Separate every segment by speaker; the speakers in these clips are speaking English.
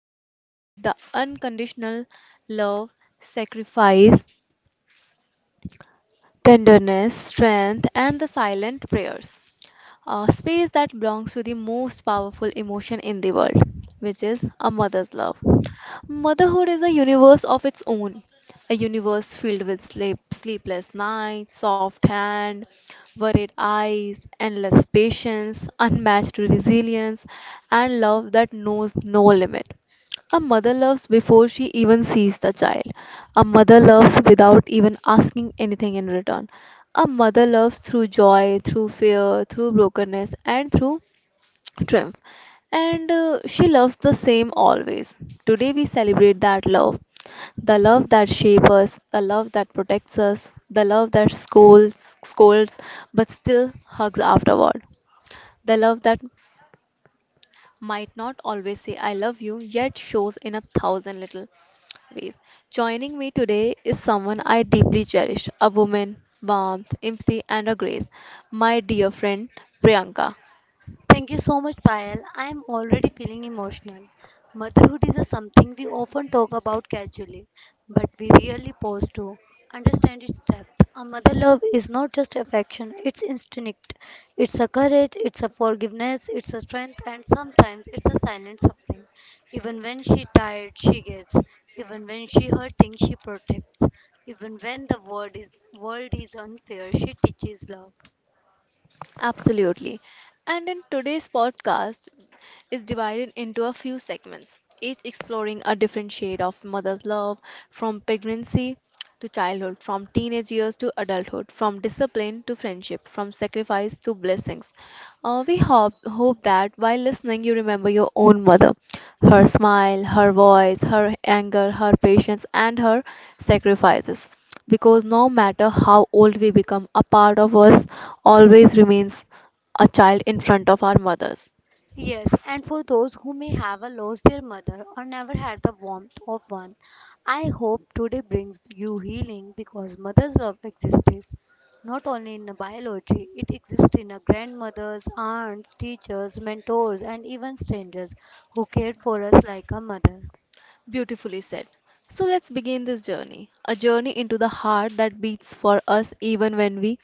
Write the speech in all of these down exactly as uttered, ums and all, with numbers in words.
Speaker 1: space filled with the unconditional love, sacrifice, tenderness, strength, and the silent prayers. A space that belongs to the most powerful emotion in the world, which is a mother's love. Motherhood is a universe of its own, a universe filled with sleep, sleepless nights, soft hand, worried eyes, endless patience, unmatched resilience, and love that knows no limit. A mother loves before she even sees the child. A mother loves without even asking anything in return. A mother loves through joy, through fear, through brokenness, and through triumph and uh, she loves the same always. Today we celebrate that love, the love that shapes us, the love that protects us, the love that scolds scolds but still hugs afterward, the love that might not always say I love you yet shows in a thousand little ways. Joining me today is someone I deeply cherish, a woman warmth empathy and a grace, my dear friend Priyanka.
Speaker 2: Thank you so much, Payal. I am already feeling emotional. Motherhood is a something we often talk about casually, but we really pause to understand its depth. A mother love is not just affection, it's instinct. It's a courage, it's a forgiveness, it's a strength, and sometimes it's a silent suffering. Even when she tired, she gives. Even when she hurting, she protects. Even when the world is world is unfair, she teaches love.
Speaker 1: Absolutely. And in today's podcast is divided into a few segments, each exploring a different shade of mother's love, from pregnancy to childhood, from teenage years to adulthood, from discipline to friendship, from sacrifice to blessings. Uh, we hope, hope that while listening, you remember your own mother, her smile, her voice, her anger, her patience, and her sacrifices. Because no matter how old we become, a part of us always remains a child in front of our mothers.
Speaker 2: Yes, and for those who may have uh, lost their mother or never had the warmth of one, I hope today brings you healing because mother's love exists not only in biology, it exists in a grandmothers, aunts, teachers, mentors, and even strangers who cared for us like a mother.
Speaker 1: Beautifully said. So let's begin this journey, a journey into the heart that beats for us even when we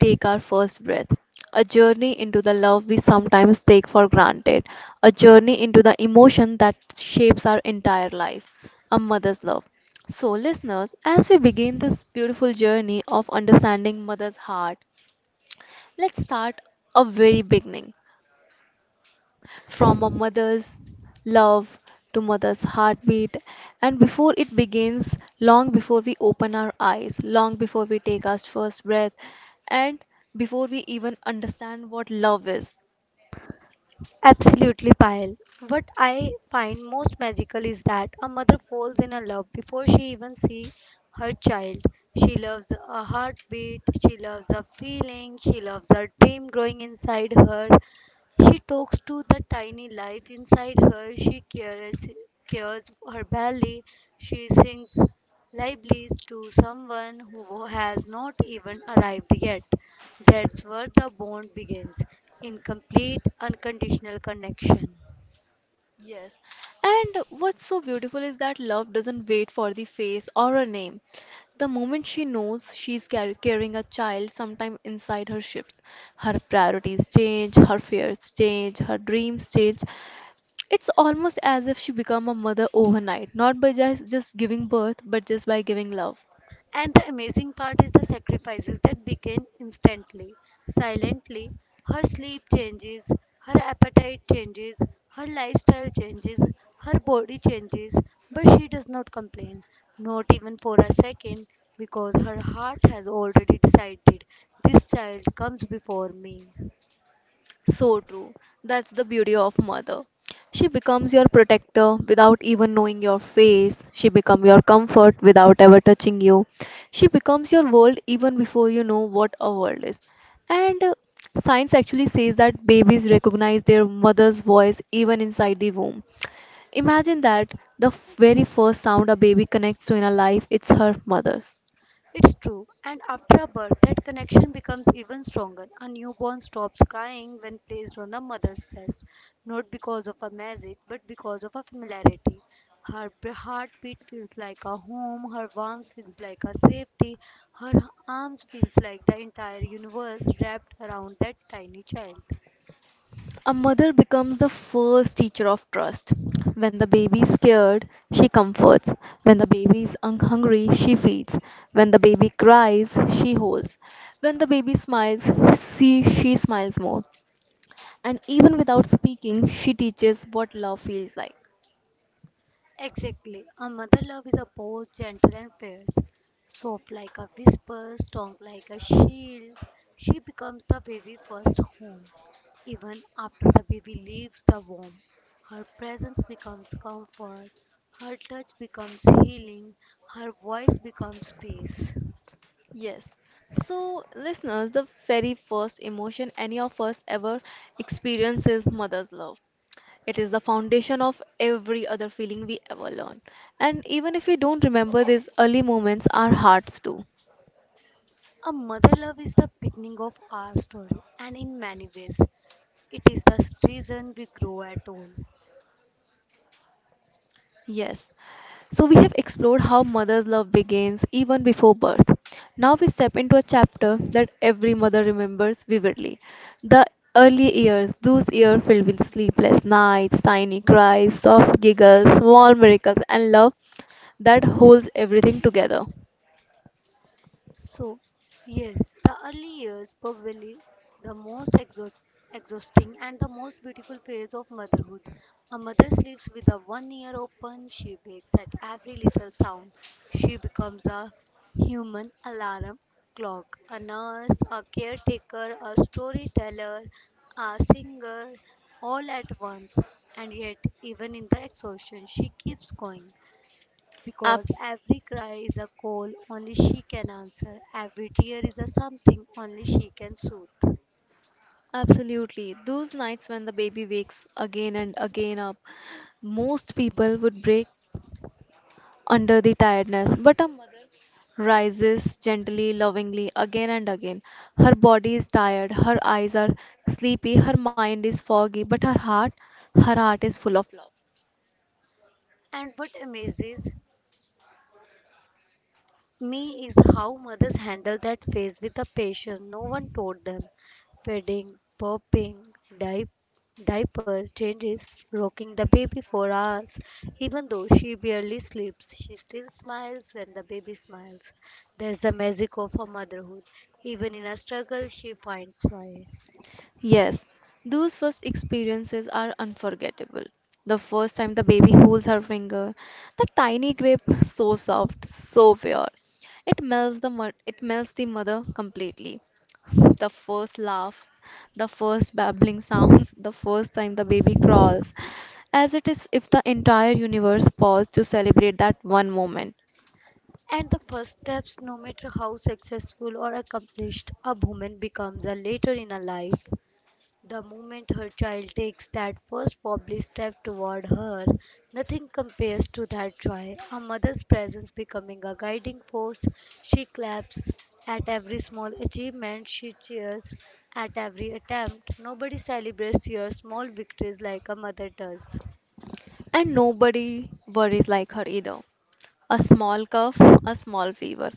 Speaker 1: take our first breath, a journey into the love we sometimes take for granted, a journey into the emotion that shapes our entire life, a mother's love. So, listeners, as we begin this beautiful journey of understanding mother's heart, let's start a very beginning, from a mother's love to mother's heartbeat, and before it begins, long before we open our eyes, long before we take our first breath, and before we even understand what love is.
Speaker 2: Absolutely, Payal. What I find most magical is that a mother falls in a love before she even sees her child. She loves a heartbeat, she loves a feeling, she loves a dream growing inside her. She talks to the tiny life inside her, she cares, cares for her belly, she sings Lively's to someone who has not even arrived yet. That's where the bond begins in complete, unconditional connection.
Speaker 1: Yes, and what's so beautiful is that love doesn't wait for the face or a name. The moment she knows she's car- carrying a child, sometime inside her shifts. Her priorities change, her fears change, her dreams change. It's almost as if she became a mother overnight, not by just, just giving birth, but just by giving love.
Speaker 2: And the amazing part is the sacrifices that begin instantly, silently. Her sleep changes, her appetite changes, her lifestyle changes, her body changes, but she does not complain, not even for a second, because her heart has already decided this child comes before me.
Speaker 1: So true. That's the beauty of mother. She becomes your protector without even knowing your face. She becomes your comfort without ever touching you. She becomes your world even before you know what a world is. And uh, Science actually says that babies recognize their mother's voice even inside the womb. Imagine that the very first sound a baby connects to in a life, it's her mother's.
Speaker 2: It's true, and after a birth, that connection becomes even stronger. A newborn stops crying when placed on the mother's chest, not because of a magic, but because of a familiarity. Her b- heartbeat feels like a home, her warmth feels like her safety, her arms feels like the entire universe wrapped around that tiny child.
Speaker 1: A mother becomes the first teacher of trust. When the baby is scared, she comforts. When the baby is un- hungry, she feeds. When the baby cries, she holds. When the baby smiles, she, she smiles more. And even without speaking, she teaches what love feels like.
Speaker 2: Exactly. A mother love is a both gentle and fierce, soft like a whisper, strong like a shield. She becomes the baby's first home. Even after the baby leaves the womb, her presence becomes comfort, her touch becomes healing, her voice becomes peace.
Speaker 1: Yes. So, listeners, the very first emotion any of us ever experience is mother's love. It is the foundation of every other feeling we ever learn. And even if we don't remember these early moments, our hearts do.
Speaker 2: A mother love is the beginning of our story, and in many ways, it is the reason we grow at all.
Speaker 1: Yes. So we have explored how mother's love begins even before birth. Now we step into a chapter that every mother remembers vividly. The early years, those years filled with sleepless nights, tiny cries, soft giggles, small miracles, and love that holds everything together.
Speaker 2: So, yes, the early years probably the most exo- exhausting and the most beautiful phase of motherhood. A mother sleeps with a one ear open, she wakes at every little sound. She becomes a human alarm clock, a nurse, a caretaker, a storyteller, a singer, all at once. And yet, even in the exhaustion, she keeps going. Because
Speaker 1: Ab-
Speaker 2: every cry is a call only she can answer, every tear is a something only she can soothe.
Speaker 1: Absolutely. Those nights when the baby wakes again and again up, most people would break under the tiredness, but a mother rises gently, lovingly, again and again. Her body is tired, her eyes are sleepy, her mind is foggy, but her heart, her heart is full of love.
Speaker 2: And what amazes me is how mothers handle that phase with a patience no one taught them. Feeding, popping, di- diaper changes, rocking the baby for hours. Even though she barely sleeps, she still smiles when the baby smiles. There's the magic of her motherhood. Even in a struggle, she finds joy.
Speaker 1: Yes, those first experiences are unforgettable. The first time the baby holds her finger, the tiny grape, so soft, so pure. It melts the mo- it melts the mother completely. The first laugh, the first babbling sounds, the first time the baby crawls, as it is if the entire universe paused to celebrate that one moment.
Speaker 2: And the first steps, no matter how successful or accomplished a woman becomes a later in her life, the moment her child takes that first wobbly step toward her, nothing compares to that joy. A mother's presence becoming a guiding force, she claps at every small achievement, she cheers at every attempt. Nobody celebrates your small victories like a mother does.
Speaker 1: And nobody worries like her either. A small cough, a small fever,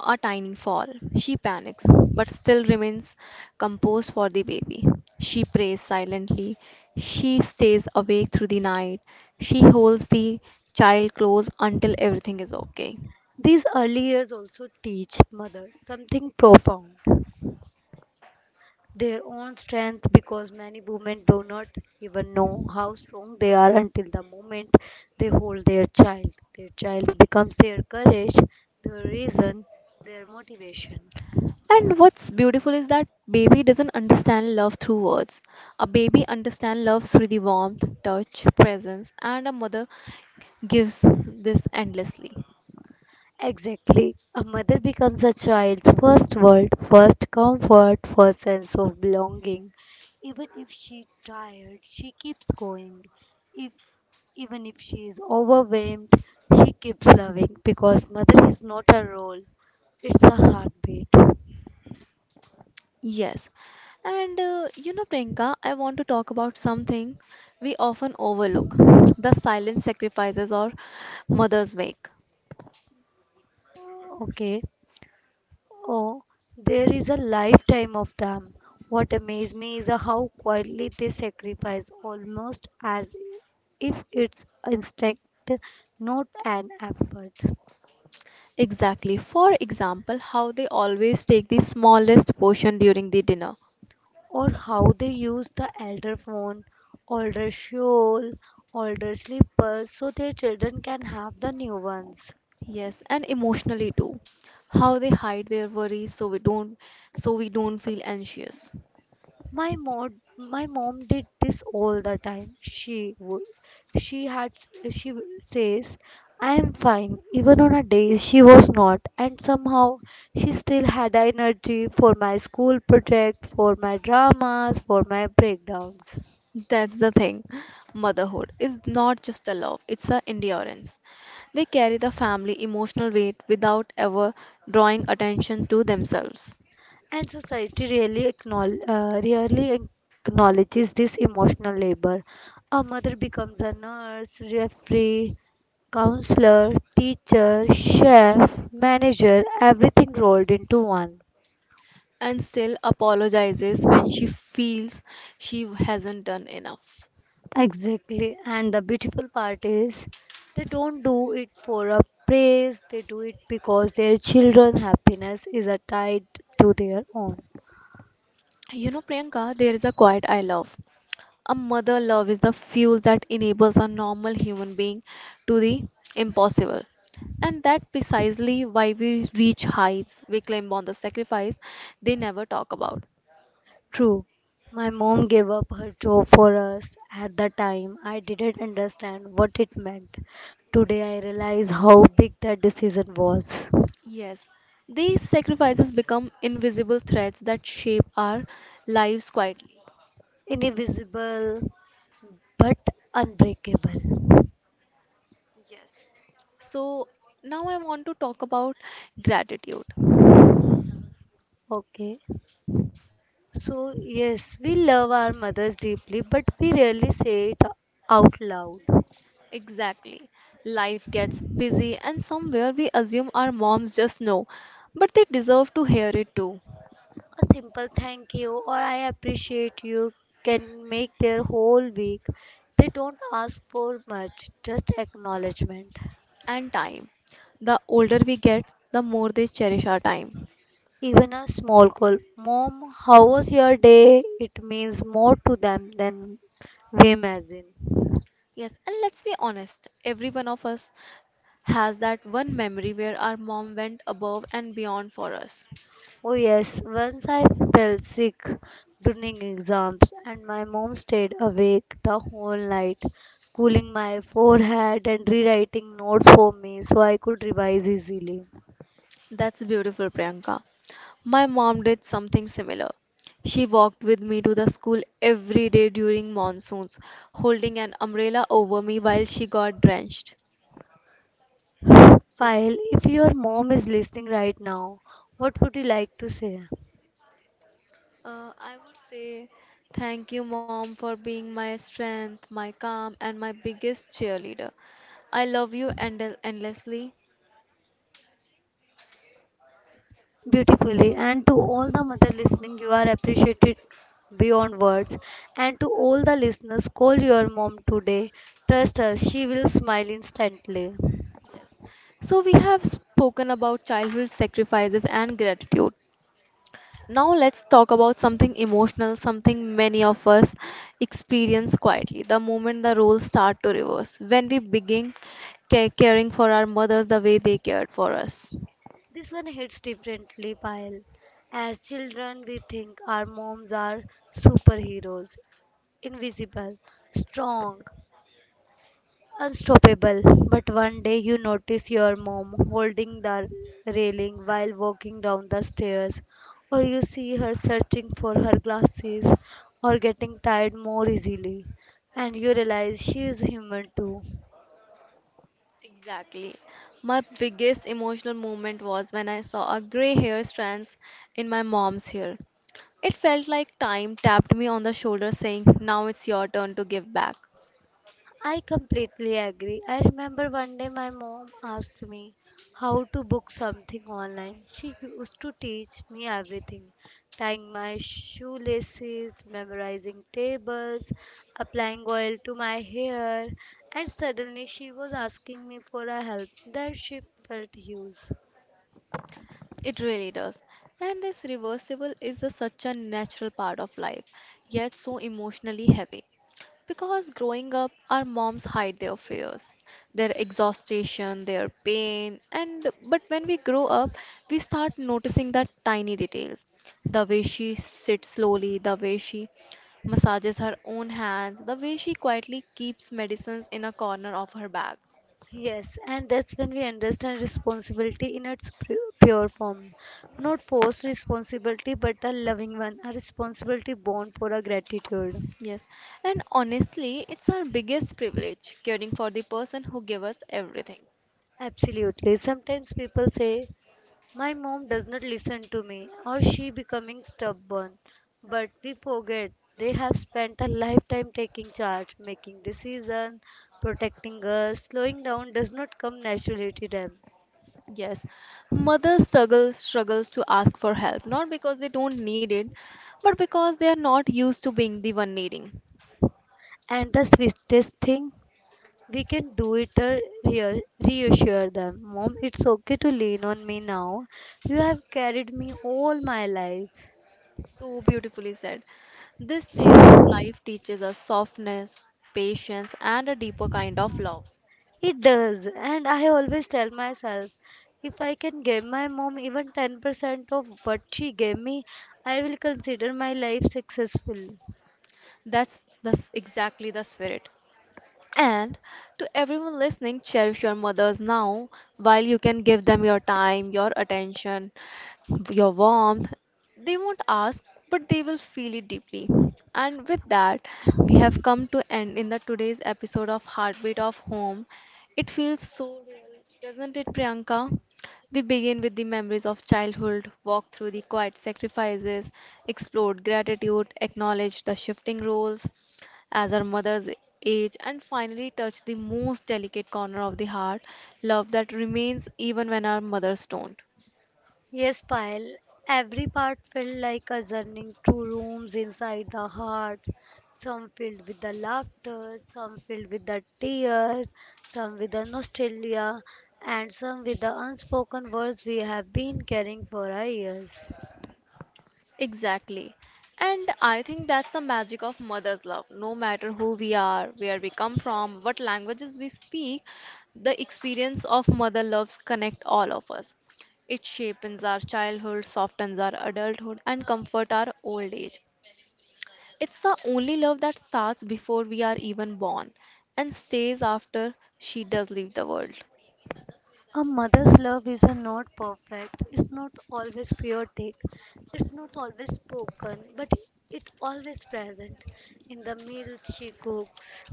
Speaker 1: a tiny fall. She panics, but still remains composed for the baby. She prays silently. She stays awake through the night. She holds the child close until everything is okay.
Speaker 2: These early years also teach mother something profound. Their own strength because many women do not even know how strong they are until the moment they hold their child. Their child becomes their courage, their reason, their motivation.
Speaker 1: And what's beautiful is that baby doesn't understand love through words. A baby understands love through the warmth, touch, presence, and a mother gives this endlessly.
Speaker 2: Exactly. A mother becomes a child's first world, first comfort, first sense of belonging. Even if she's tired, she keeps going. If even if she is overwhelmed, she keeps loving because mother is not a role, it's a heartbeat.
Speaker 1: Yes. And uh, you know, Priyanka, I want to talk about something we often overlook, the silent sacrifices our mothers make.
Speaker 2: Okay. Oh, there is a lifetime of them. What amazes me is how quietly they sacrifice, almost as if it's instinct, not an effort.
Speaker 1: Exactly. For example, how they always take the smallest portion during the dinner.
Speaker 2: Or how they use the elder phone, older shawl, older slippers so their children can have the new ones.
Speaker 1: Yes, and emotionally too. How they hide their worries so we don't so we don't feel anxious.
Speaker 2: My mom, my mom did this all the time. She would, she had, she says, I am fine. Even on a day she was not, and somehow she still had energy for my school project, for my dramas, for my breakdowns.
Speaker 1: That's the thing. Motherhood is not just a love, it's a endurance. They carry the family emotional weight without ever drawing attention to themselves,
Speaker 2: And society really acknowledge, uh, rarely acknowledges this emotional labor. A mother becomes a nurse, referee, counselor, teacher, chef, manager, everything rolled into one.
Speaker 1: and still apologizes when she feels she hasn't done enough.
Speaker 2: Exactly. And the beautiful part is they don't do it for a praise, they do it because their children's happiness is uh, tied to their own.
Speaker 1: You know, Priyanka, there is a quiet I love. A mother love is the fuel that enables a normal human being to the impossible. And that precisely why we reach heights we claim on the sacrifice they never talk about.
Speaker 2: True. My mom gave up her job for us at the time. I didn't understand what it meant. Today I realize how big that decision was.
Speaker 1: Yes, these sacrifices become invisible threads that shape our lives quietly.
Speaker 2: Invisible but unbreakable.
Speaker 1: So now I want to talk about gratitude.
Speaker 2: Okay. So, yes, we love our mothers deeply, but we rarely say it out loud.
Speaker 1: Exactly. Life gets busy, and somewhere we assume our moms just know, but they deserve to hear it too.
Speaker 2: A simple thank you or I appreciate you can make their whole week. They don't ask for much, just acknowledgement.
Speaker 1: And time. The older we get, the more they cherish our time.
Speaker 2: Even a small call, Mom, how was your day? It means more to them than we imagine.
Speaker 1: Yes, and let's be honest, every one of us has that one memory where our mom went above and beyond for us.
Speaker 2: Oh, yes, once I fell sick during exams, and my mom stayed awake the whole night, cooling my forehead and rewriting notes for me so I could revise easily.
Speaker 1: That's beautiful, Priyanka. My mom did something similar. She walked with me to the school every day during monsoons, holding an umbrella over me while she got drenched.
Speaker 2: Pyle, if your mom is listening right now, what would you like to say?
Speaker 1: Uh, I would say thank you, mom, for being my strength, my calm, and my biggest cheerleader. I love you end- endlessly.
Speaker 2: Beautifully, and to all the mother listening, you are appreciated beyond words. And to all the listeners, call your mom today. Trust us, she will smile instantly.
Speaker 1: Yes. So, we have spoken about childhood sacrifices and gratitude. Now, let's talk about something emotional, something many of us experience quietly, the moment the roles start to reverse, when we begin ca- caring for our mothers the way they cared for us.
Speaker 2: This one hits differently, Payal. As children, we think our moms are superheroes, invisible, strong, unstoppable. But one day you notice your mom holding the railing while walking down the stairs, or you see her searching for her glasses, or getting tired more easily, and you realize she is human too.
Speaker 1: Exactly. My biggest emotional moment was when I saw a gray hair strands in my mom's hair. It felt like time tapped me on the shoulder saying, now it's your turn to give back.
Speaker 2: I completely agree. I remember one day my mom asked me how to book something online. She used to teach me everything tying my shoelaces, memorizing tables, applying oil to my hair, and suddenly she was asking me for a help that she felt huge.
Speaker 1: It really does. And this reversible is a, such a natural part of life, yet so emotionally heavy. Because growing up, our moms hide their fears, their exhaustion, their pain, and but when we grow up, we start noticing that tiny details. The way she sits slowly, the way she massages her own hands, the way she quietly keeps medicines in a corner of her bag.
Speaker 2: Yes, and that's when we understand responsibility in its pu- pure form. Not forced responsibility, but a loving one, a responsibility born for a gratitude.
Speaker 1: Yes, and honestly, it's our biggest privilege, caring for the person who gave us everything.
Speaker 2: Absolutely. Sometimes people say, my mom does not listen to me, or she becoming stubborn. But we forget they have spent a lifetime taking charge, making decisions, protecting us. Slowing down does not come naturally to them.
Speaker 1: Yes, mothers struggle struggles to ask for help, not because they don't need it, but because they are not used to being the one needing.
Speaker 2: And the sweetest thing we can do it, uh, rea- reassure them. Mom, it's okay to lean on me now. You have carried me all my life.
Speaker 1: So beautifully said. This stage of life teaches us softness, patience, and a deeper kind of love.
Speaker 2: It does, and I always tell myself if I can give my mom even ten percent of what she gave me, I will consider my life successful.
Speaker 1: That's that's exactly the spirit. And to everyone listening, cherish your mothers now while you can give them your time, your attention, your warmth. They won't ask, but they will feel it deeply. And with that, we have come to end in the today's episode of Heartbeat of Home. It feels so real, doesn't it, Priyanka? We begin with the memories of childhood, walk through the quiet sacrifices, explored gratitude, acknowledged the shifting roles, as our mothers age, and finally touch the most delicate corner of the heart, love that remains even when our mothers don't.
Speaker 2: Yes, Pyle. Every part felt like a journey through rooms inside the heart, some filled with the laughter, some filled with the tears, some with the nostalgia, and some with the unspoken words we have been carrying for our years.
Speaker 1: Exactly. And I think that's the magic of mother's love. No matter who we are, where we come from, what languages we speak, the experience of mother loves connect all of us. It shapes our childhood, softens our adulthood, and comforts our old age. It's the only love that starts before we are even born and stays after she does leave the world.
Speaker 2: A mother's love is a not perfect, it's not always chaotic, it's not always spoken, but it always present in the meals she cooks,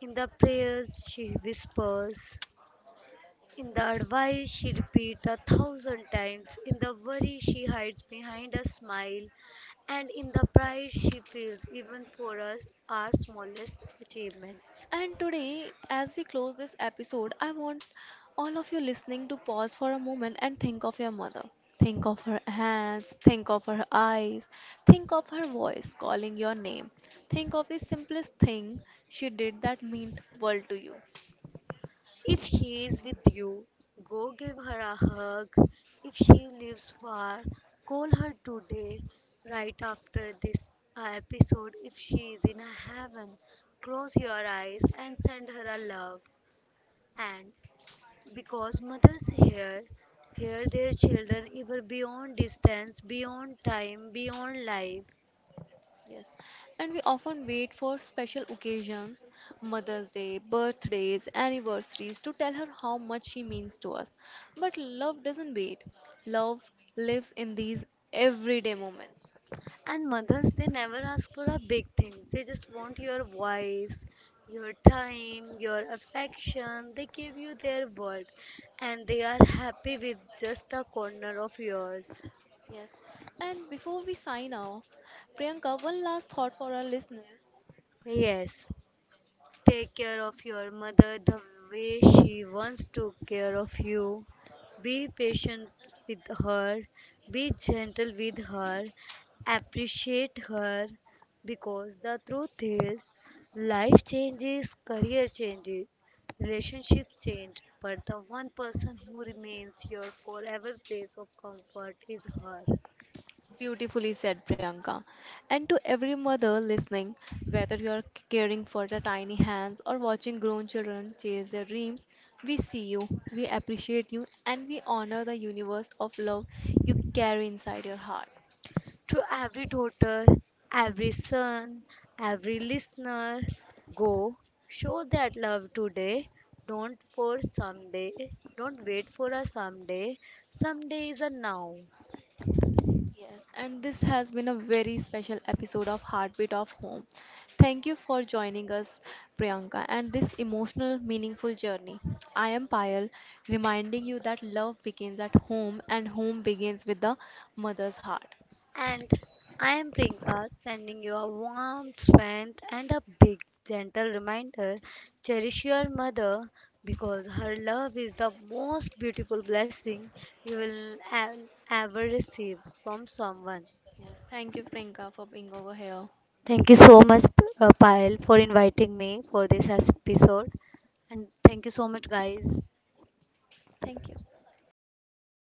Speaker 2: in the prayers she whispers in the advice she repeats a thousand times, in the worry she hides behind a smile, and in the pride she feels even for us our smallest achievements.
Speaker 1: And today, as we close this episode, I want all of you listening to pause for a moment and think of your mother. Think of her hands, think of her eyes, think of her voice calling your name. Think of the simplest thing she did that meant world to you.
Speaker 2: If she is with you, go give her a hug. If she lives far, call her today, right after this uh, episode. If she is in a heaven, close your eyes and send her a love. And because mothers hear, hear their children even beyond distance, beyond time, beyond life.
Speaker 1: Yes, and we often wait for special occasions, Mother's Day, birthdays, anniversaries, to tell her how much she means to us. But love doesn't wait. Love lives in these everyday moments.
Speaker 2: And mothers, they never ask for a big thing. They just want your voice, your time, your affection. They give you their word. And they are happy with just a corner of yours.
Speaker 1: Yes, and before we sign off, Priyanka, one last thought for our listeners.
Speaker 2: Yes. Take care of your mother the way she once took care of you. Be patient with her. Be gentle with her. Appreciate her because the truth is life changes, career changes, relationships change, but the one person who remains your forever place of comfort is her.
Speaker 1: Beautifully said, Priyanka. And to every mother listening, whether you are caring for the tiny hands or watching grown children chase their dreams, we see you, we appreciate you, and we honor the universe of love you carry inside your heart.
Speaker 2: To every daughter, every son, every listener, go show that love today. Don't for someday. Don't wait for a someday. Someday is a now.
Speaker 1: Yes, and this has been a very special episode of Heartbeat of Home. Thank you for joining us, Priyanka, and this emotional, meaningful journey. I am Payal, reminding you that love begins at home and home begins with the mother's heart.
Speaker 2: And I am Prinka, sending you a warm strength and a big gentle reminder. Cherish your mother because her love is the most beautiful blessing you will e- ever receive from someone.
Speaker 1: Yes, thank you, Priyanka, for being over here.
Speaker 2: Thank you so much, uh, Payal, for inviting me for this episode. And thank you so much, guys.
Speaker 1: Thank you.